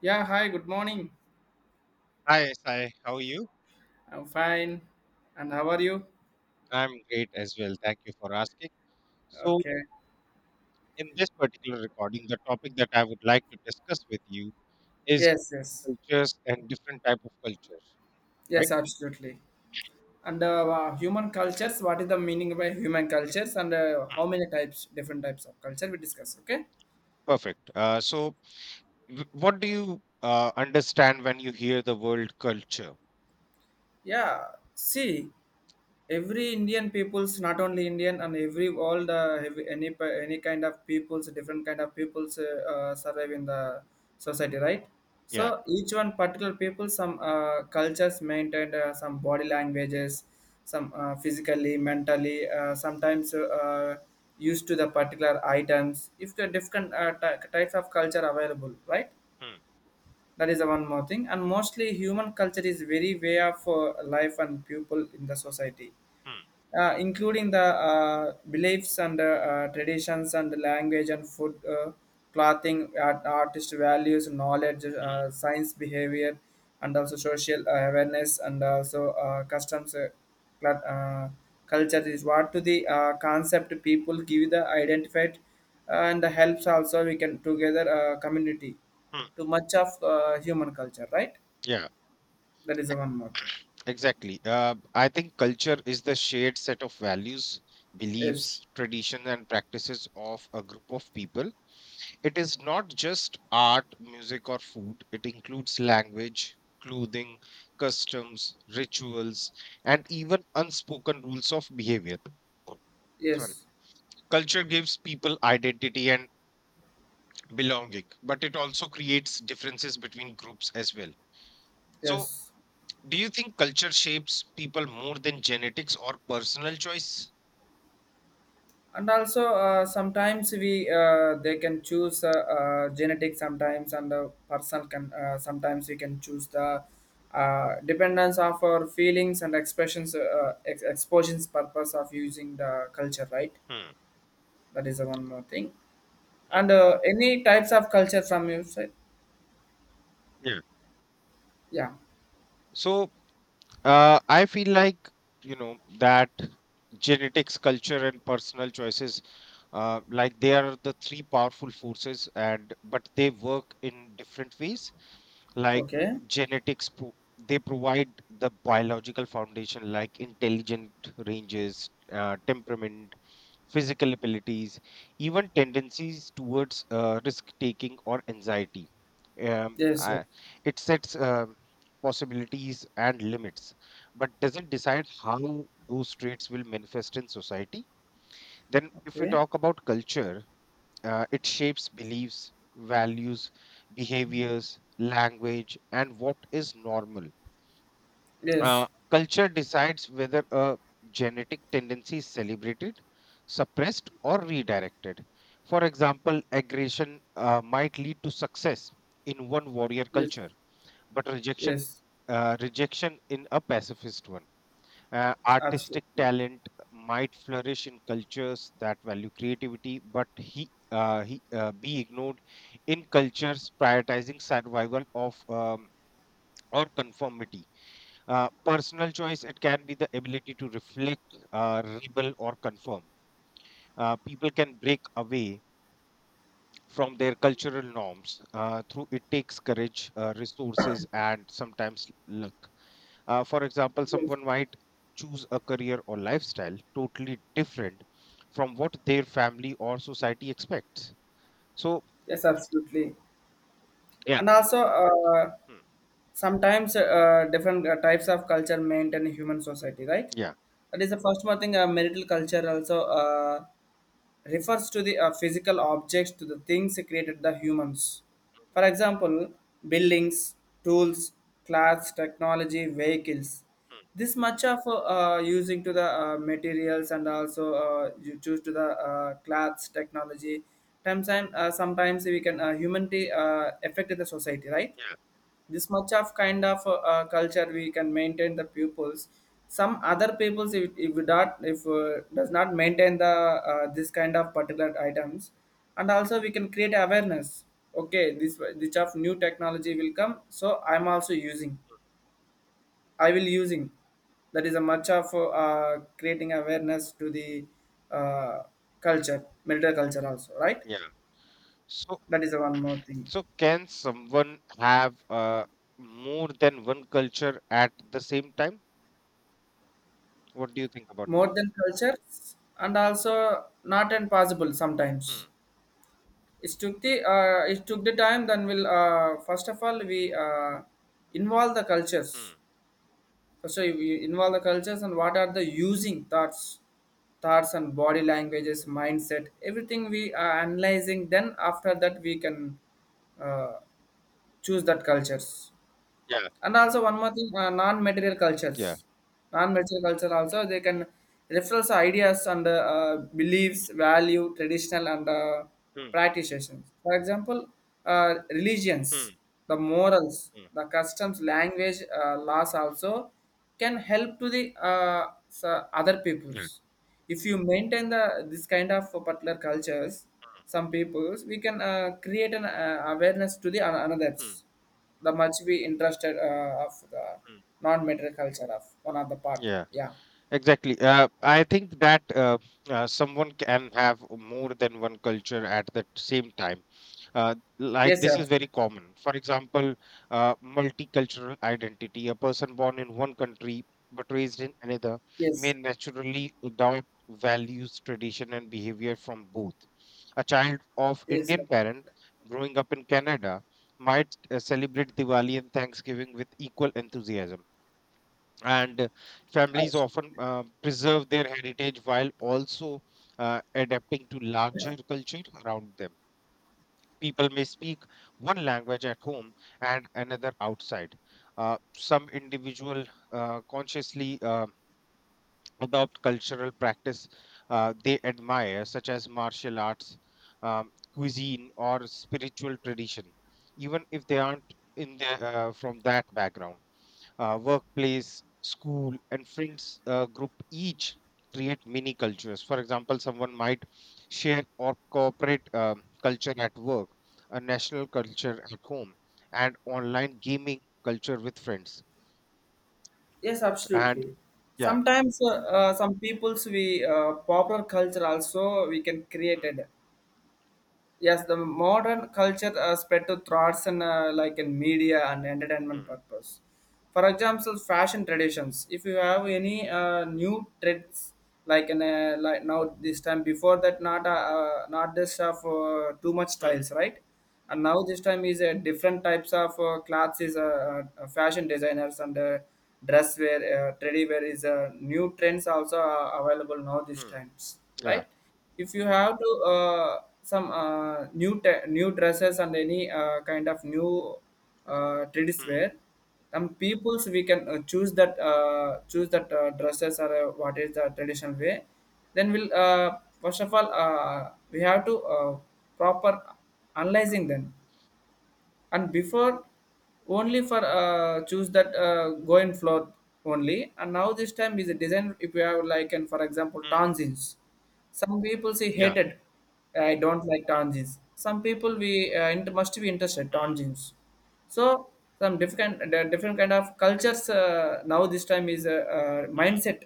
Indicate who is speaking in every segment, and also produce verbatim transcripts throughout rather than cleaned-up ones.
Speaker 1: Yeah, hi, good morning.
Speaker 2: Hi, Sai. How are you?
Speaker 1: I'm fine. And how are you?
Speaker 2: I'm great as well. Thank you for asking. So,
Speaker 1: Okay.
Speaker 2: in this particular recording, the topic that I would like to discuss with you is
Speaker 1: Yes, yes.
Speaker 2: cultures and different type of cultures, right?
Speaker 1: Yes, absolutely. And uh, uh, human cultures, what is the meaning by human cultures and uh, how
Speaker 2: Mm.
Speaker 1: many types, different types of culture we discuss, okay?
Speaker 2: Perfect. Uh, so, w- what do you uh, understand when you hear the word culture?
Speaker 1: Yeah, see, every Indian peoples, not only Indian, and every all the every- any pe- any kind of peoples, different kind of peoples uh, uh, survive in the society, right? So
Speaker 2: Yeah.
Speaker 1: each one particular people some uh, cultures maintained, uh, some body languages, some uh, physically mentally uh, sometimes uh, used to the particular items, if the different uh, ty- types of culture available, right?
Speaker 2: Mm,
Speaker 1: That is the one more thing. And mostly, human culture is very way of uh, life and people in the society,
Speaker 2: mm,
Speaker 1: uh, including the uh, beliefs and uh, uh, traditions and language and food, uh, clothing, art, artist values, knowledge,
Speaker 2: mm,
Speaker 1: uh, science behavior, and also social uh, awareness and also uh, customs, uh, cl- uh, culture is what to the uh, concept people give the identified, uh, and helps also we can together uh, community
Speaker 2: mm.
Speaker 1: to much of uh, human culture, right?
Speaker 2: Yeah.
Speaker 1: That is
Speaker 2: e-
Speaker 1: the one more thing.
Speaker 2: Exactly. Uh, I think culture is the shared set of values,
Speaker 1: Yes,
Speaker 2: beliefs, traditions, and practices of a group of people. It is not just art, music, or food, it includes language, clothing, customs, rituals, and even unspoken rules of behavior. Sorry.
Speaker 1: yes,
Speaker 2: Culture gives people identity and belonging, but it also creates differences between groups as well. So,
Speaker 1: yes.
Speaker 2: do you think culture shapes people more than genetics or personal choice?
Speaker 1: And also uh, sometimes we uh, they can choose uh, uh, genetic sometimes, and the person can uh, sometimes we can choose the uh, dependence of our feelings and expressions uh, ex- exposures purpose of using the culture, right?
Speaker 2: Hmm.
Speaker 1: That is the one more thing.
Speaker 2: Hmm.
Speaker 1: And uh, any types of culture from your side?
Speaker 2: Yeah.
Speaker 1: Yeah.
Speaker 2: So, Uh, I feel like, you know, that genetics, culture, and personal choices, uh, like they are the three powerful forces, and but they work in different ways. Like
Speaker 1: Okay.
Speaker 2: genetics, pro they provide the biological foundation, like intelligent ranges, uh, temperament, physical abilities, even tendencies towards uh, risk taking or anxiety. Um,
Speaker 1: Yes, yes.
Speaker 2: I, it sets uh, possibilities and limits but doesn't decide how those traits will manifest in society. Then, if we
Speaker 1: Okay.
Speaker 2: talk about culture, uh, it shapes beliefs, values, behaviors, language, and what is normal. Uh,
Speaker 1: Yes,
Speaker 2: culture decides whether a genetic tendency is celebrated, suppressed, or redirected. For example, aggression uh, might lead to success in one warrior
Speaker 1: yes.
Speaker 2: culture, but rejection,
Speaker 1: Yes,
Speaker 2: uh, rejection in a pacifist one. Uh, artistic
Speaker 1: absolutely.
Speaker 2: talent might flourish in cultures that value creativity, but he uh, he uh, be ignored in cultures prioritizing survival of um, or conformity. Uh, personal choice, it can be the ability to reflect, uh, rebel, or conform. Uh, people can break away from their cultural norms uh, through it takes courage, uh, resources, and sometimes luck. Uh, for example,
Speaker 1: Yes,
Speaker 2: someone might choose a career or lifestyle totally different from what their family or society expects. So,
Speaker 1: yes, absolutely.
Speaker 2: yeah.
Speaker 1: And also uh,
Speaker 2: Hmm,
Speaker 1: sometimes uh, different uh, types of culture maintain human society, right?
Speaker 2: yeah.
Speaker 1: That is the first one thing. Uh, marital culture also uh, refers to the uh, physical objects, to the things created the humans. For example, buildings, tools, clothes, technology, vehicles.
Speaker 2: Hmm,
Speaker 1: This much of uh, using to the uh, materials, and also uh, you choose to the uh, clothes technology. Sometimes uh, sometimes we can uh, humanity uh, affect the society, right?
Speaker 2: yeah,
Speaker 1: This much of kind of uh, uh, culture we can maintain the pupils. Some other peoples, if, if we not, if uh, does not maintain the uh, this kind of particular items. And also we can create awareness. Okay, this this of new technology will come, so I'm also using, I will using. That is a much of uh, creating awareness to the uh, culture, military culture also, right?
Speaker 2: yeah. So,
Speaker 1: That is the one more thing.
Speaker 2: so can someone have uh, more than one culture at the same time? What do you think about that?
Speaker 1: More than cultures, and also not impossible sometimes.
Speaker 2: Hmm,
Speaker 1: It took the uh, it took the time, then we'll uh, first of all we uh, involve the cultures.
Speaker 2: hmm,
Speaker 1: So we involve the cultures, and what are the using thoughts, thoughts and body languages, mindset, everything we are analyzing, then after that we can uh, choose that cultures.
Speaker 2: yeah,
Speaker 1: And also one more thing, uh, non-material
Speaker 2: yeah.
Speaker 1: cultures. Non-material culture also, they can refers ideas and uh,
Speaker 2: Hmm,
Speaker 1: beliefs, value, traditional and uh,
Speaker 2: hmm,
Speaker 1: practices. For example, uh,
Speaker 2: hmm,
Speaker 1: religions, the morals,
Speaker 2: hmm,
Speaker 1: the customs, language, uh, laws also can help to the uh, s- other
Speaker 2: yeah.
Speaker 1: peoples. If you maintain the this kind of particular cultures, some peoples, we can uh, create an uh, awareness to the an-
Speaker 2: Hmm,
Speaker 1: another's. The much we interested uh, of the
Speaker 2: hmm.
Speaker 1: non-material culture, of one of the part.
Speaker 2: Yeah.
Speaker 1: Yeah.
Speaker 2: Exactly. Uh, I think that uh, uh, someone can have more than one culture at the same time. Uh, like
Speaker 1: Yes,
Speaker 2: this is very
Speaker 1: absolutely.
Speaker 2: common. For example, uh, multicultural identity. A person born in one country but raised in another may
Speaker 1: Yes,
Speaker 2: naturally adopt values, tradition, and behavior from both. A child of
Speaker 1: yes,
Speaker 2: Indian parent growing up in Canada might uh, celebrate Diwali and Thanksgiving with equal enthusiasm, and uh, families
Speaker 1: abs-
Speaker 2: often uh, preserve their heritage while also uh, adapting to larger culture around them. People may speak one language at home and another outside. Uh, some individual uh, consciously uh, adopt cultural practice uh, they admire, such as martial arts, um, cuisine, or spiritual tradition, even if they aren't in the, uh, from that background, uh, workplace, school, and friends uh, group each create mini cultures. For example, someone might share or corporate um, culture at work, a national culture at home, and online gaming culture with friends.
Speaker 1: yes,
Speaker 2: And
Speaker 1: absolutely.
Speaker 2: yeah.
Speaker 1: Sometimes uh, uh, some people's we uh, popular culture also we can
Speaker 2: Hmm,
Speaker 1: created. Yes, the modern culture uh, spread to thoughts and uh, like in media and entertainment
Speaker 2: hmm,
Speaker 1: purpose. For example, fashion traditions, if you have any uh, new trends. Like in uh, like now this time, before that not uh, uh, not this of uh, too much
Speaker 2: hmm,
Speaker 1: styles, right? And now this time is uh, different types of uh, clothes is uh, uh, fashion designers and uh, dress wear, uh, teddy wear is uh, new trends also uh, available now these
Speaker 2: hmm,
Speaker 1: times,
Speaker 2: yeah,
Speaker 1: right? If you have to uh, some uh, new te- new dresses and any uh, kind of new uh, traditional
Speaker 2: hmm,
Speaker 1: wear, some peoples we can uh, choose that uh, choose that uh, dresses, or uh, what is the traditional way, then we'll uh, first of all uh, we have to uh, proper analyzing
Speaker 2: hmm,
Speaker 1: them, and before only for uh, choose that uh, go in floor only. And now this time is a design, if you have like, and for example
Speaker 2: hmm,
Speaker 1: tangents, some people say
Speaker 2: yeah,
Speaker 1: hated, I don't like
Speaker 2: hmm,
Speaker 1: tangents, some people we uh, int- must be interested tangents. So some different, the different kind of cultures uh, now this time is a uh, uh,
Speaker 2: hmm,
Speaker 1: mindset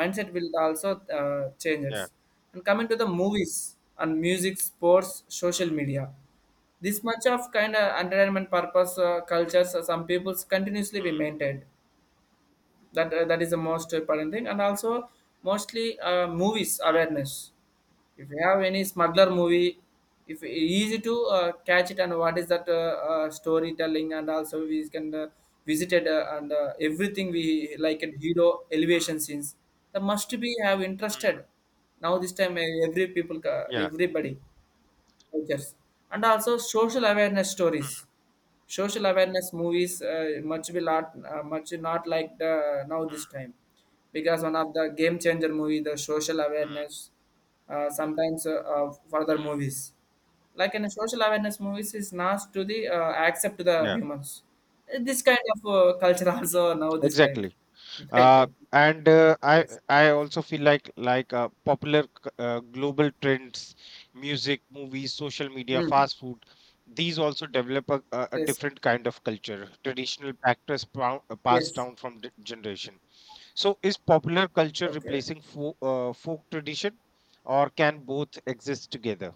Speaker 1: mindset will also uh, change it.
Speaker 2: yeah,
Speaker 1: And coming to the movies and music, sports, social
Speaker 2: hmm,
Speaker 1: media, this much of kind of entertainment purpose uh, cultures, uh, some peoples continuously be
Speaker 2: hmm,
Speaker 1: maintained. That uh, that is the most important thing, and also mostly uh, movies
Speaker 2: hmm,
Speaker 1: awareness. If you have any smuggler movie, if easy to uh, catch it, and what is that uh, uh, storytelling, and also we can uh, visited uh, and uh, everything we like in hero elevation
Speaker 2: hmm,
Speaker 1: scenes. That must be have
Speaker 2: hmm,
Speaker 1: interested. Now this time uh, every people, uh,
Speaker 2: yeah,
Speaker 1: everybody cultures, and also social awareness
Speaker 2: hmm,
Speaker 1: stories, social awareness movies uh, much will not uh, much not like the now this
Speaker 2: hmm,
Speaker 1: time, because one of the game changer movie the social
Speaker 2: hmm,
Speaker 1: awareness, uh, sometimes uh, uh, further
Speaker 2: hmm,
Speaker 1: movies, like in a social awareness movies is not to the uh, accept to the
Speaker 2: yeah,
Speaker 1: humans. Uh, this kind of uh, culture also now this time.
Speaker 2: exactly.
Speaker 1: Time,
Speaker 2: uh,
Speaker 1: time.
Speaker 2: and uh, i
Speaker 1: Yes.
Speaker 2: i also feel like like uh, popular c- uh, global trends, music, movies, social media,
Speaker 1: Mm.
Speaker 2: fast food. These also develop a, a a
Speaker 1: Yes,
Speaker 2: different kind of culture, traditional practice, prou- uh, passed
Speaker 1: yes.
Speaker 2: down from d- generation. So, is popular culture
Speaker 1: Okay.
Speaker 2: replacing fo- uh, folk tradition, or can both exist together?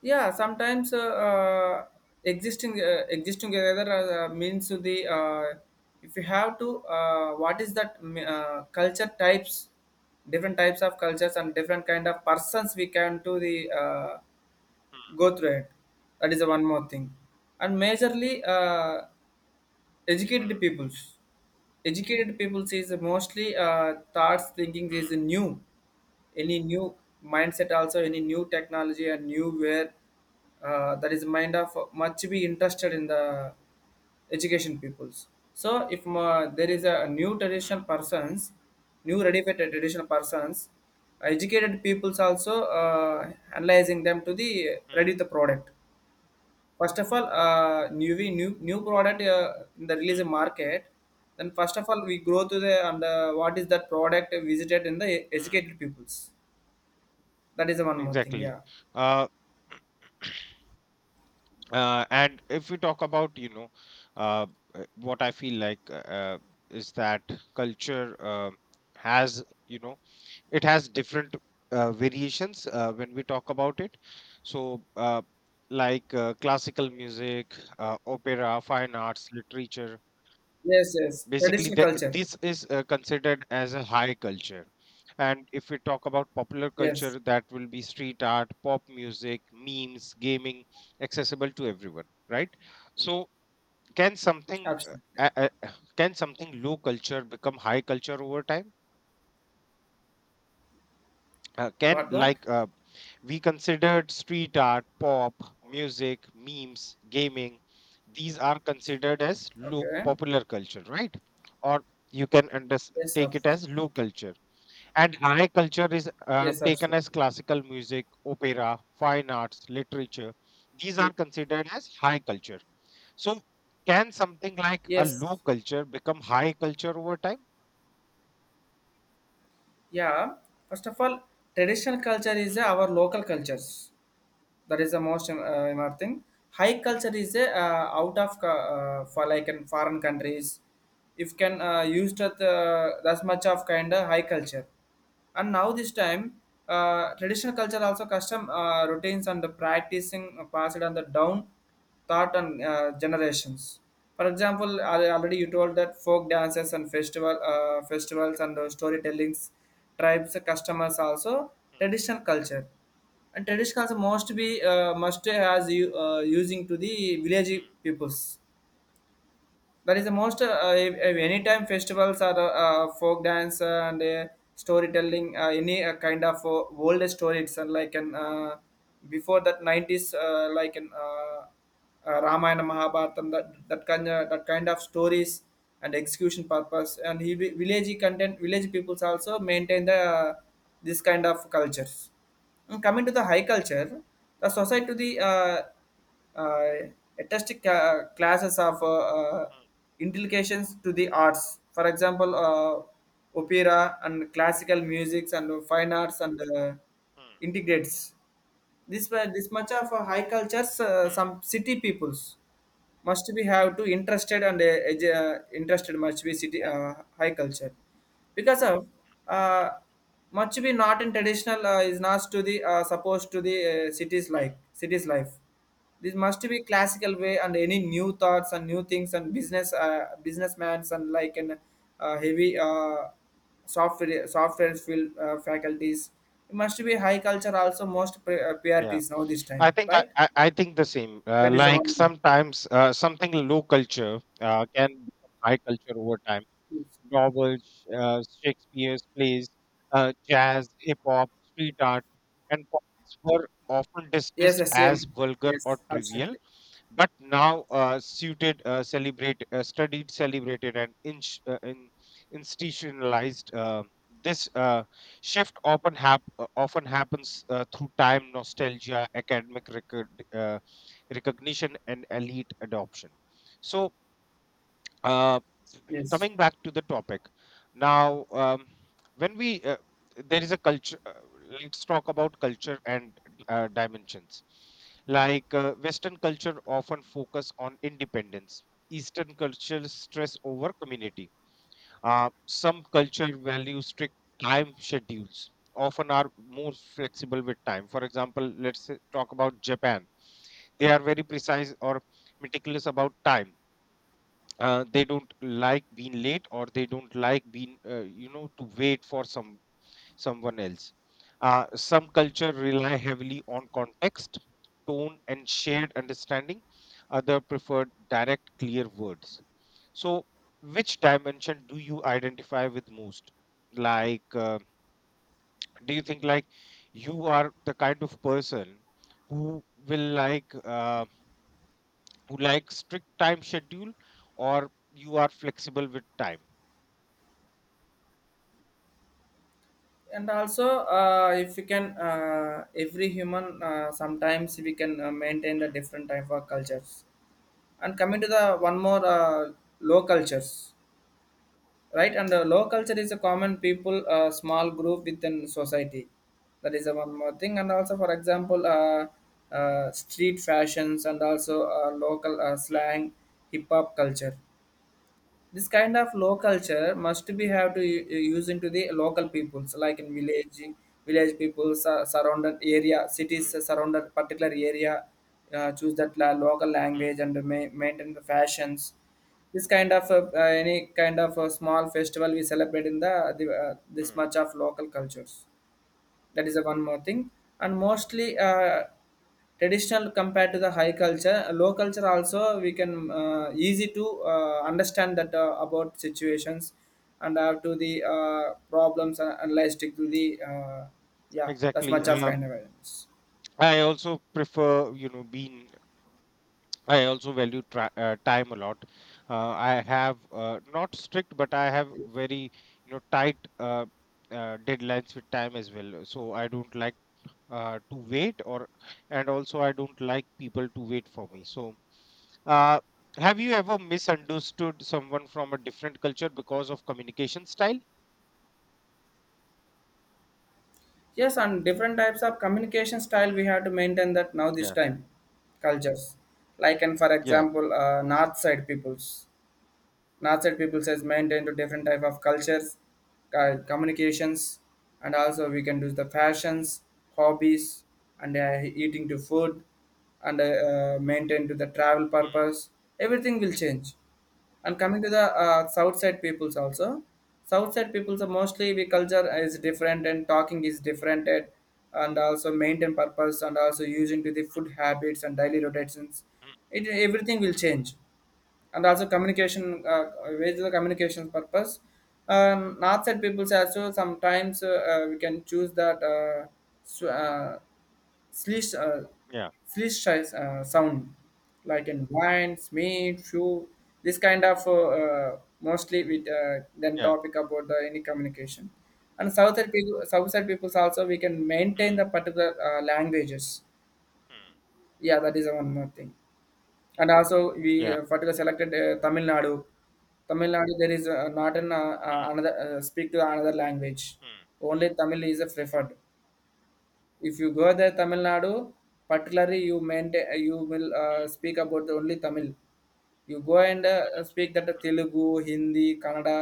Speaker 1: Yeah, sometimes uh, uh, existing uh, existing together uh, means the uh, if you have to uh, what is that mm, uh, culture types, different types of cultures and different kind of persons we can to the uh, go through it. That is the one more thing, and majorly. Uh,
Speaker 2: Hmm,
Speaker 1: educated peoples Educated peoples is mostly uh, thoughts thinking
Speaker 2: hmm, hmm,
Speaker 1: is new, any new mindset, also any new technology and new where, uh, that is mind of much be interested in the education peoples. So if uh, there is a new
Speaker 2: hmm,
Speaker 1: traditional persons, new ready for traditional persons, educated peoples also uh, analyzing them to the
Speaker 2: hmm,
Speaker 1: ready the product. First of all, uh, new new new product uh, in the release
Speaker 2: hmm,
Speaker 1: market. Then first of all, we grow to the, and uh, what is that product visited in the
Speaker 2: hmm.
Speaker 1: educated peoples. That is the one more thing.
Speaker 2: Exactly.
Speaker 1: Yeah.
Speaker 2: Uh, Uh, and if we talk about, you know, uh, uh, what I feel like uh, uh, is that culture uh, has, you know, it has different uh, variations uh, when we talk about it. So, uh, like uh, classical music, uh, opera, fine arts, literature,
Speaker 1: Yes. Yes.
Speaker 2: basically
Speaker 1: Traditional
Speaker 2: the,
Speaker 1: culture.
Speaker 2: this is uh, considered as a high culture, and if we talk about popular
Speaker 1: Yes,
Speaker 2: culture, that will be street art, pop music, memes, gaming, accessible to everyone, right? So, can something
Speaker 1: absolutely.
Speaker 2: uh, uh, uh, can something low culture become high culture over time? uh, can
Speaker 1: What? What?
Speaker 2: like uh, we considered street art, pop music, memes, gaming. These are considered as low
Speaker 1: Okay.
Speaker 2: popular culture, right? Or you can under-
Speaker 1: Yes,
Speaker 2: take it
Speaker 1: absolutely.
Speaker 2: as low culture, and high culture is uh,
Speaker 1: Yes,
Speaker 2: taken as
Speaker 1: absolutely.
Speaker 2: classical music, opera, fine arts, literature. These are considered as high culture. So, can something like a
Speaker 1: Yes.
Speaker 2: low culture become high culture over time?
Speaker 1: Yeah. First of all, traditional culture is
Speaker 2: Hmm,
Speaker 1: our local cultures. That is the most um, uh, important thing. High culture is a uh, out of co- uh, for like in foreign countries, if can uh, used at uh, that much of kind of high culture. And now this time, uh, traditional culture also custom uh, routines and the practicing uh, passed on the down thought and uh, generations. For example, al- already you told that folk dances and festival, uh, festivals and uh, storytellings, tribes customers also
Speaker 2: hmm,
Speaker 1: traditional culture. And traditionals must be uh, must has you uh, using to the village
Speaker 2: hmm,
Speaker 1: peoples. That is the most uh, uh, anytime festivals are uh, uh, folk dance and uh, storytelling, uh, any uh, kind of uh, old stories and like an uh, before that nineties, uh, like an uh, uh, Ramayana Mahabharatam, that that kind of, that kind of stories and execution purpose. And he vi- village content, village peoples also maintain the uh, this kind of cultures. And coming to the high culture, the society to the uh, uh, artistic uh, classes of uh, uh,
Speaker 2: hmm,
Speaker 1: inculcations to the arts. For example, uh, opera and classical music and fine arts and uh,
Speaker 2: hmm,
Speaker 1: integrates. This wa- this much of uh, high cultures, uh,
Speaker 2: hmm, hmm.
Speaker 1: some city peoples must be have to interested and uh, edu- uh, interested must be city
Speaker 2: Yeah.
Speaker 1: uh, high culture because of uh, much be not in traditional uh, is not to the uh, supposed to the uh, cities
Speaker 2: Hmm.
Speaker 1: like cities life. This must be classical way and any new thoughts and new things and business uh, businessmans and like an uh, heavy uh, software software field uh, faculties. It must be high culture also most pri- uh,
Speaker 2: Yeah.
Speaker 1: priorities now this time,
Speaker 2: I think I,
Speaker 1: right?
Speaker 2: I I think the same. Uh,
Speaker 1: That is the
Speaker 2: like
Speaker 1: one.
Speaker 2: sometimes uh, something low culture uh, can become high culture over time.
Speaker 1: Yes,
Speaker 2: Novels, uh, Shakespeare's plays, uh, jazz, hip hop, street art, and comics were often
Speaker 1: yes,
Speaker 2: dismissed as
Speaker 1: same,
Speaker 2: vulgar or
Speaker 1: yes,
Speaker 2: trivial,
Speaker 1: absolutely,
Speaker 2: but now uh, suited uh, celebrate uh, studied celebrated and inch uh, in, institutionalized uh, this uh, shift often hap- uh, often happens uh, through time, nostalgia, academic record, uh, recognition, and elite adoption. So, uh,
Speaker 1: yes.
Speaker 2: coming back to the topic now, um, when we, uh, there is a culture. Uh, let's talk about culture and uh, dimensions. Like uh, Western culture often focus on independence. Eastern culture stress over community. Uh, some culture value strict time schedules, often are more flexible with time. For example, let's say, talk about Japan. They are very precise or meticulous about time. Uh, they don't like being late, or they don't like being uh, you know to wait for some someone else. Uh, some culture rely heavily on context, tone, and shared understanding. Other prefer direct, clear words. So, which dimension do you identify with most? Like uh, do you think like you are the kind of person who will like uh, who like strict time schedule, or you are flexible with time?
Speaker 1: And also uh, if you can uh, every human, uh, sometimes we can uh, maintain the
Speaker 2: Mm,
Speaker 1: different type of cultures. And coming to the one more
Speaker 2: mm,
Speaker 1: uh, low cultures, right? And the low culture is a common people, uh,
Speaker 2: mm,
Speaker 1: small group within society. That is the one more thing. And also, for example, uh, uh, street fashions and also uh, local uh, slang, hip hop culture. This kind of low culture must be have to u- use into the local peoples like in village, village people sur- surrounded area,
Speaker 2: mm,
Speaker 1: cities
Speaker 2: mm,
Speaker 1: surrounded particular area. Uh, choose that la- local
Speaker 2: mm,
Speaker 1: language and ma- maintain the fashions. This kind of uh, uh, any kind of a small festival we celebrate in the, uh, the uh, this
Speaker 2: mm.
Speaker 1: much of local cultures. That is a one more thing. And mostly uh, traditional, compared to the high culture, low culture also we can uh, easy to uh, understand that uh, about situations and have to the uh, problems and analyze to the, uh, yeah, that's
Speaker 2: Exactly.
Speaker 1: much of
Speaker 2: Um,
Speaker 1: kind of awareness.
Speaker 2: I also prefer, you know, being. I also value tra- uh, time a lot. Uh, I have uh, not strict, but I have very, you know, tight uh, uh, deadlines with time as well. So I don't like uh, to wait, or and also I don't like people to wait for me. So, uh, have you ever misunderstood someone from a different culture because of communication style?
Speaker 1: Yes, and different types of communication style
Speaker 2: Hmm.
Speaker 1: we have to maintain that now this
Speaker 2: Yeah.
Speaker 1: time cultures. Like, and for
Speaker 2: Yeah.
Speaker 1: example, uh, north side peoples. Northside peoples has maintained to different type of cultures, uh, communications, and also we can do the fashions, hobbies, and uh, eating to food, and uh, uh, maintain to the travel purpose. Everything will change. And coming to the uh, south side peoples also, south side peoples are mostly we culture is different and talking is different and and also maintain purpose and also using to the food habits and daily rotations. It everything will change. And also communication uh, with the communication purpose. Um, north side people also sometimes uh, uh, we can choose that uh, sw- uh, slish uh,
Speaker 2: Yeah,
Speaker 1: slish size, uh, sound like in wine meat shoe. This kind of uh, uh, mostly with uh, then
Speaker 2: yeah.
Speaker 1: topic about the any communication. And south side people south side peoples also we can maintain
Speaker 2: Mm,
Speaker 1: the particular uh, languages.
Speaker 2: mm.
Speaker 1: Yeah, that is one more thing. And also we
Speaker 2: Yeah.
Speaker 1: uh, particularly selected uh, Tamil Nadu. Tamil Nadu, there is uh, not an uh, uh,
Speaker 2: Mm,
Speaker 1: another uh, speak to another language.
Speaker 2: mm,
Speaker 1: Only Tamil is uh, preferred. If you go there Tamil Nadu, particularly you maintain uh, you will
Speaker 2: mm,
Speaker 1: uh, speak about only Tamil. You go and uh, speak that Telugu, Hindi, Kannada.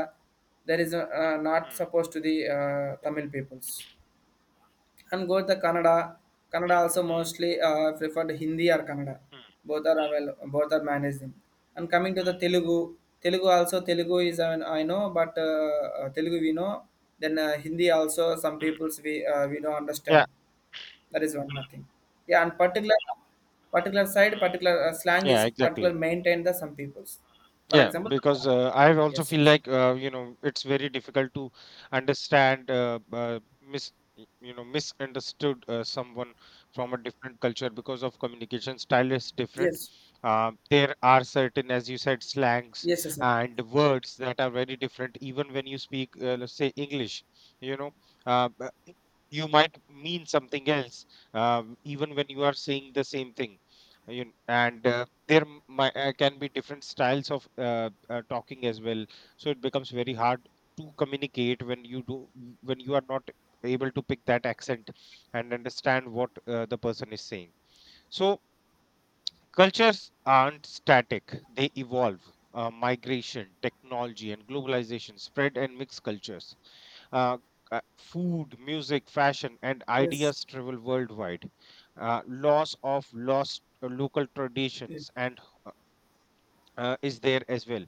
Speaker 1: There is uh, uh, not
Speaker 2: mm,
Speaker 1: supposed to the uh, Tamil peoples. And go to Kannada. Kannada also
Speaker 2: mm,
Speaker 1: mostly uh, preferred Hindi or Kannada.
Speaker 2: mm,
Speaker 1: Both are avail- both are managed them. And coming to the Telugu, Telugu also Telugu is uh, I know, but uh, uh, Telugu we know. Then uh, Hindi also some
Speaker 2: mm.
Speaker 1: peoples we uh, we don't understand.
Speaker 2: Yeah.
Speaker 1: That is one more thing. Yeah, and particular particular side
Speaker 2: Mm.
Speaker 1: particular uh, slang is
Speaker 2: Yeah,
Speaker 1: particular
Speaker 2: exactly.
Speaker 1: maintained the some peoples. For
Speaker 2: Yeah,
Speaker 1: example,
Speaker 2: because uh, I also
Speaker 1: yes,
Speaker 2: feel
Speaker 1: yes,
Speaker 2: like uh, you know it's very difficult to understand uh, uh, mis y- you know misunderstood uh, someone from a different culture because of communication style is different.
Speaker 1: yes,
Speaker 2: Uh, there are certain, as you said, slangs
Speaker 1: yes, yes, sir.
Speaker 2: and words that are very different. Even when you speak, uh, let's say English, you know, uh, b- you might mean something else, uh, even when you are saying the same thing. You, and uh, there m- mi- uh, can be different styles of uh, uh, talking as well, so it becomes very hard to communicate when you do when you are not able to pick that accent and understand what uh, the person is saying. So, cultures aren't static, they evolve. Uh, migration, technology, and globalization spread and mix cultures. Uh, uh, food, music, fashion, and
Speaker 1: Yes.
Speaker 2: ideas travel worldwide. Uh, loss of lost uh, local
Speaker 1: Yes.
Speaker 2: traditions and uh, is there as well.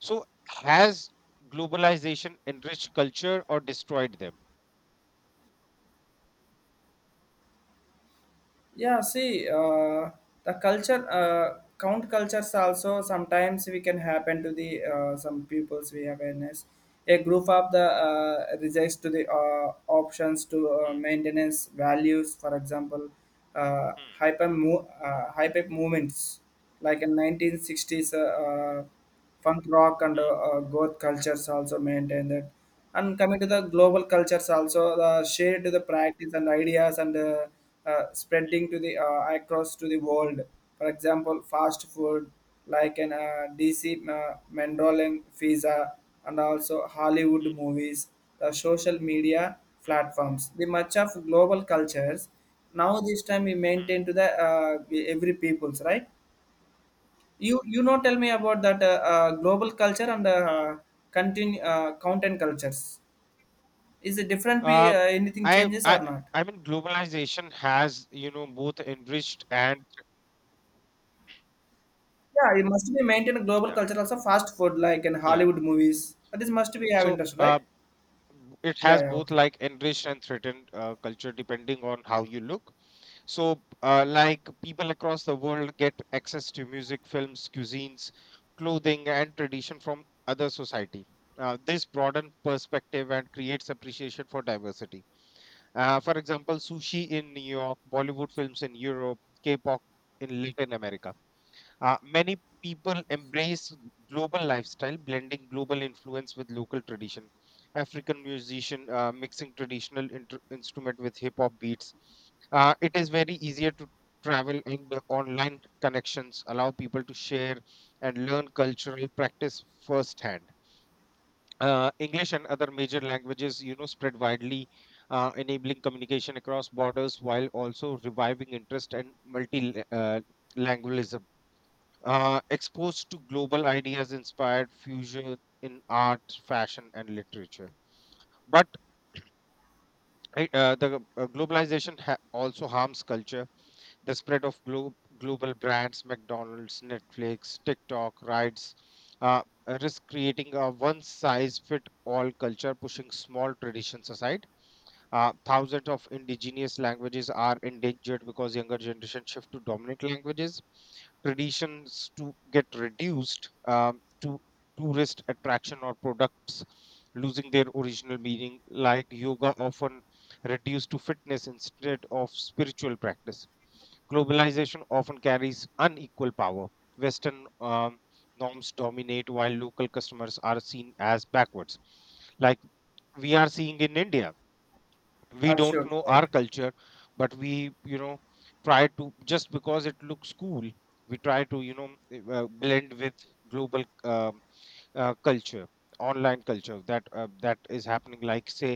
Speaker 2: So, has globalization enriched culture or destroyed them?
Speaker 1: Yeah, see, uh, the culture uh, count cultures also sometimes we can happen to the uh, some peoples we awareness, a group of the uh, rejects to the uh, options to uh,
Speaker 2: Hmm,
Speaker 1: maintenance values. For example, uh,
Speaker 2: hmm,
Speaker 1: hyper mo- uh, hyper movements like in nineteen sixties uh, uh, Funk rock and
Speaker 2: hmm,
Speaker 1: uh, goth cultures also maintain that. And coming to the global cultures also uh, shared the practice and ideas and uh, uh, spreading to the uh, across to the world. For example, fast food like an uh, D C uh, Mandolin pizza and also Hollywood
Speaker 2: hmm,
Speaker 1: movies, the social media
Speaker 2: hmm,
Speaker 1: platforms. The much of global cultures now this time we
Speaker 2: hmm,
Speaker 1: maintain to the uh, every people's right. You you know tell me about that uh, uh, global culture and uh,
Speaker 2: hmm.
Speaker 1: continue uh, content cultures. Is it different? Be
Speaker 2: Uh,
Speaker 1: uh, anything
Speaker 2: I,
Speaker 1: changes or
Speaker 2: I,
Speaker 1: not?
Speaker 2: I mean, globalization has, you know, both enriched and
Speaker 1: Yeah, it must be maintain a global
Speaker 2: yeah,
Speaker 1: culture also fast food like in
Speaker 2: yeah.
Speaker 1: Hollywood movies. This must be have
Speaker 2: So,
Speaker 1: interest,
Speaker 2: uh,
Speaker 1: right?
Speaker 2: it
Speaker 1: Yeah,
Speaker 2: has
Speaker 1: yeah,
Speaker 2: both
Speaker 1: okay,
Speaker 2: like enriched and threatened uh, culture depending on how you look. So, uh, like people across the world get access to music, films, cuisines, clothing, and tradition from other society. Uh, this broaden perspective and creates appreciation for diversity. Uh, for example, sushi in New York, Bollywood films in Europe, K-pop in Latin America. Uh, many people embrace global lifestyle, blending global influence with local tradition. African musician uh, mixing traditional inter- instrument with hip hop beats. Uh, it is very easier to travel and the online connections allow people to share and learn cultural practice firsthand. Uh, English and other major languages, you know, spread widely, uh, enabling communication across borders while also reviving interest and multi uh, uh, exposed to global ideas inspired fusion in art, fashion, and literature. But I- uh, the uh, globalization ha- also harms culture. The spread of glo- global brands, McDonald's, Netflix, TikTok, rides, uh, uh, risk creating a one size fit all culture, pushing small traditions aside. Uh, thousands of indigenous languages are endangered because younger generation shift to dominant languages. Traditions to get reduced um, to tourist attraction or products losing their original meaning, like yoga often reduced to fitness instead of spiritual practice. Globalization often carries unequal power. Western um, norms dominate while local customers are seen as backwards, like we are seeing in India. We don't
Speaker 1: absolutely
Speaker 2: know
Speaker 1: right.
Speaker 2: our culture, but we you know try to, just because it looks cool, we try to you know eh, uh, blend with global um, uh, culture, online culture that uh, that is happening, like say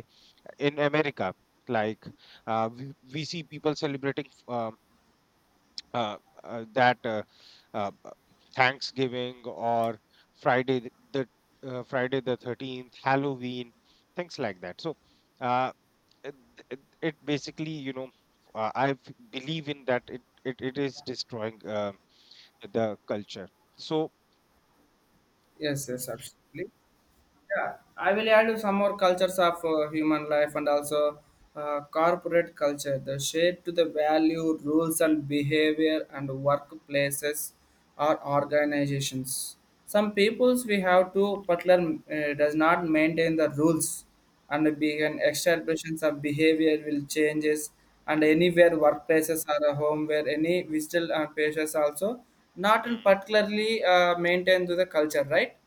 Speaker 2: in America. Like uh, we, we see people celebrating uh, uh, uh, that uh, uh, uh, Thanksgiving or friday th- the uh, Friday the thirteenth, Halloween, things like that. So uh, it, it, it basically, you know uh, I believe in that, it it, it is destroying uh, the culture. So
Speaker 1: Yes, yes, absolutely. Yeah, I will add some more cultures of uh, human life and also uh, corporate culture. The shape to the value, rules, and behavior, and workplaces or organizations. Some peoples we have to particular uh, does not maintain the rules and begin establishments of behavior will changes. And anywhere workplaces or a home where any visitor uh, patients also not in
Speaker 2: mm,
Speaker 1: particularly uh, maintain to the culture, right?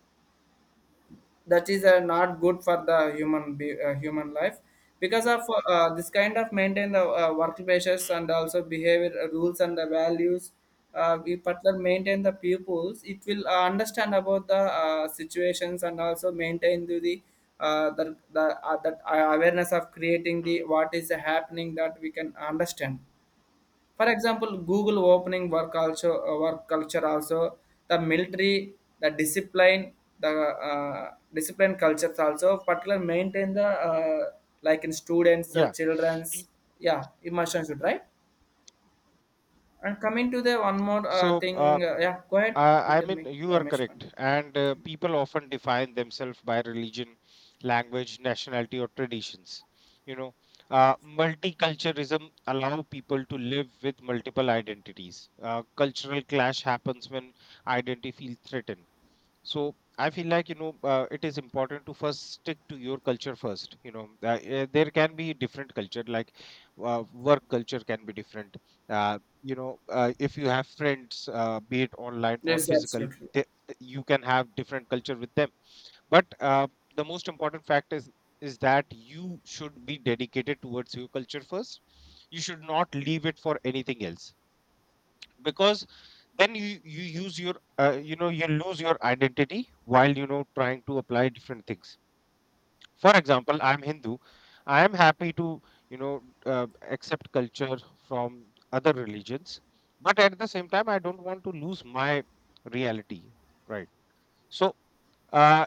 Speaker 1: That is uh,
Speaker 2: mm,
Speaker 1: not good for the human be, uh, human life, because of uh, this kind of maintain the uh, work pressures
Speaker 2: mm,
Speaker 1: and also behavior uh, rules and the values. Uh, we partner maintain the pupils it will uh, understand about the uh, situations and also maintain the the uh, the, the uh, that uh, awareness of creating
Speaker 2: mm, mm,
Speaker 1: the what is happening that we can understand. For example, Google opening work, also uh, work culture also, the military, the discipline, the uh, discipline cultures also particular maintain the,
Speaker 2: mm.
Speaker 1: uh, like in students uh,
Speaker 2: Yeah.
Speaker 1: childrens.
Speaker 2: E-
Speaker 1: Yeah, immersion should, right? And coming to the one more uh,
Speaker 2: so
Speaker 1: thing,
Speaker 2: uh,
Speaker 1: uh, yeah, go ahead, you
Speaker 2: I, I
Speaker 1: tell
Speaker 2: mean,
Speaker 1: me.
Speaker 2: you are
Speaker 1: Ramesh
Speaker 2: correct,
Speaker 1: Pandey.
Speaker 2: and uh, people often define themselves by religion, language, nationality, or traditions. You know, uh, multiculturalism allow people to live with multiple identities. Uh, cultural clash happens when identity feels threatened. So I feel like, you know, uh, it is important to first stick to your culture first. You know, uh, eh, there can be different culture, like uh, work culture can be different. Uh, you know uh, if you have friends, uh, be it online or
Speaker 1: Yes,
Speaker 2: physical,
Speaker 1: absolutely.
Speaker 2: th- th- you can have different culture with them. But uh, the most important fact is is that you should be dedicated towards your culture first. You should not leave it for anything else, because then you you use your, uh, you know you lose your identity while, you know, trying to apply different things. For example, I'm Hindu. I am happy to, you know uh, accept culture from other religions, but at the same time, I don't want to lose my reality, right? So uh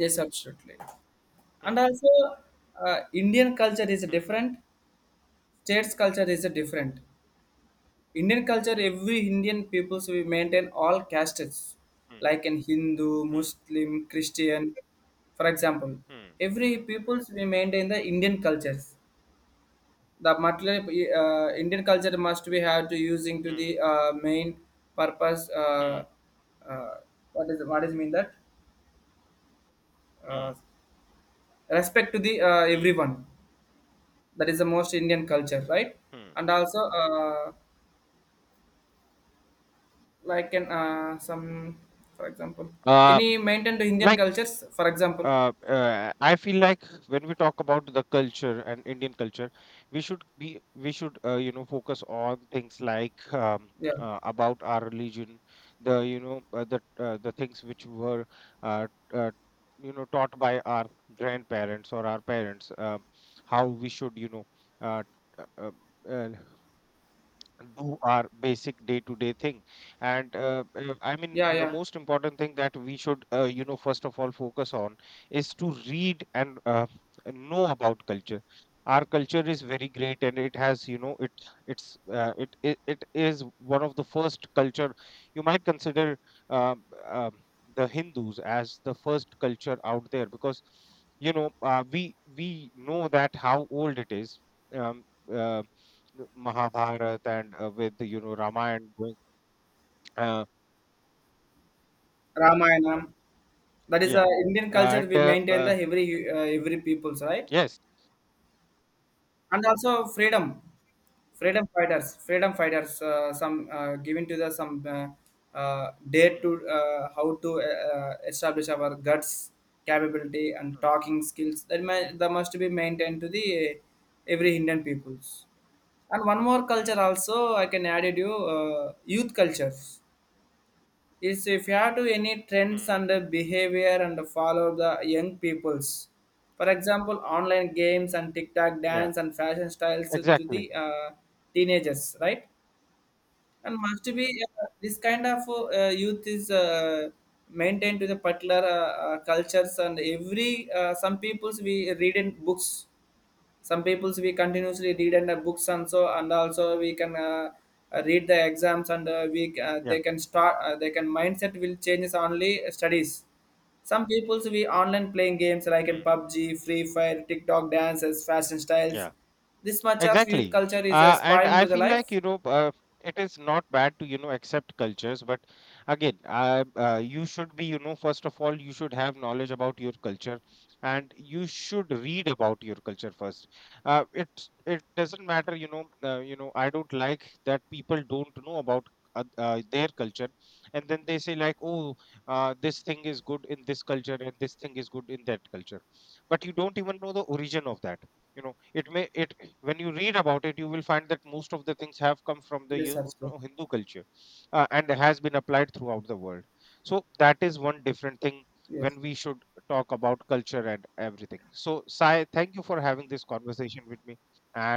Speaker 1: Yes, absolutely. And
Speaker 2: hmm,
Speaker 1: also uh, Indian culture is
Speaker 2: hmm,
Speaker 1: different, states culture is different. Indian culture,
Speaker 2: hmm,
Speaker 1: every Indian peoples we maintain all castes,
Speaker 2: hmm,
Speaker 1: like in Hindu,
Speaker 2: hmm,
Speaker 1: Muslim, Christian. For example,
Speaker 2: hmm,
Speaker 1: every peoples we maintain the Indian cultures. The material uh, Indian culture must be have to using to
Speaker 2: hmm,
Speaker 1: the uh, main purpose.
Speaker 2: hmm,
Speaker 1: Uh, uh, what is what is mean that uh,
Speaker 2: hmm,
Speaker 1: respect to the uh,
Speaker 2: hmm,
Speaker 1: everyone. That is the most Indian culture, right?
Speaker 2: hmm.
Speaker 1: And also. Uh, like an uh, some, for example,
Speaker 2: Uh,
Speaker 1: any maintained indian
Speaker 2: like,
Speaker 1: cultures, for example,
Speaker 2: uh, uh, I feel like when we talk about the culture and Indian culture, we should be we should, uh, you know, focus on things like um,
Speaker 1: yeah,
Speaker 2: uh, about our religion, the, you know uh, the uh, the things which were uh, uh, you know, taught by our grandparents or our parents, um, how we should, you know uh, uh, uh, do our basic day to day thing. And uh, uh, I mean,
Speaker 1: yeah,
Speaker 2: the
Speaker 1: yeah.
Speaker 2: most important thing that we should, uh, you know, first of all, focus on is to read and uh, know about culture. Our culture is very great, and it has, you know, it it's uh, it, it it is one of the first culture you might consider. um, um, the Hindus as the first culture out there, because, you know, uh, we we know that how old it is. Um, uh, the Mahabharat and, uh, with you know Ramayana going uh,
Speaker 1: Ramayana, that is a
Speaker 2: yeah,
Speaker 1: indian culture
Speaker 2: and
Speaker 1: we
Speaker 2: uh,
Speaker 1: maintain the
Speaker 2: uh,
Speaker 1: every uh, every peoples, right?
Speaker 2: yes.
Speaker 1: And also, freedom freedom fighters freedom fighters uh, some uh, given to the some uh, uh, date
Speaker 2: Hmm,
Speaker 1: to uh, how to uh, uh, establish our guts, capability and
Speaker 2: hmm,
Speaker 1: talking skills that, may,
Speaker 2: hmm,
Speaker 1: that must be maintained to the uh, every indian peoples. And one more
Speaker 2: hmm,
Speaker 1: culture also I can add it, you uh, youth cultures is if you have to any trends
Speaker 2: hmm.
Speaker 1: and the behavior and the follow the young peoples. For example, online games and tiktok
Speaker 2: Yeah.
Speaker 1: dance and fashion styles to the
Speaker 2: Exactly.
Speaker 1: uh, teenagers, right? And must be uh, this kind of uh, youth is uh, maintained to the particular uh, uh, cultures. And every uh, some peoples we read in books, some peoples we continuously read and uh, books and so, and also we can uh, uh, read the exams and uh, we uh,
Speaker 2: Yeah.
Speaker 1: they can start, uh, they can mindset will changes only studies. Some peoples we online playing games like in
Speaker 2: Hmm.
Speaker 1: PUBG, Free Fire, TikTok dances, fashion
Speaker 2: Yeah.
Speaker 1: styles. This much of youth
Speaker 2: Exactly.
Speaker 1: culture is
Speaker 2: Uh, and
Speaker 1: aspiring
Speaker 2: I
Speaker 1: into the
Speaker 2: feel like,
Speaker 1: life.
Speaker 2: you know, uh, it is not bad to, you know, accept cultures. But again, uh, uh, you should be, you know, first of all, you should have knowledge about your culture, and you should read about your culture first. Uh, it, it doesn't matter, you know, uh, you know, I don't like that people don't know about uh, uh, their culture. And then they say like, oh, uh, this thing is good in this culture and this thing is good in that culture. But you don't even know the origin of that. You know, it may it, when you read about it, you will find that most of the things have come from the,
Speaker 1: Yes,
Speaker 2: you
Speaker 1: absolutely.
Speaker 2: know, Hindu culture, uh, and has been applied throughout the world. So that is one different thing.
Speaker 1: Yes.
Speaker 2: When we should talk about culture and everything, so Sai, thank you for having this conversation with me, and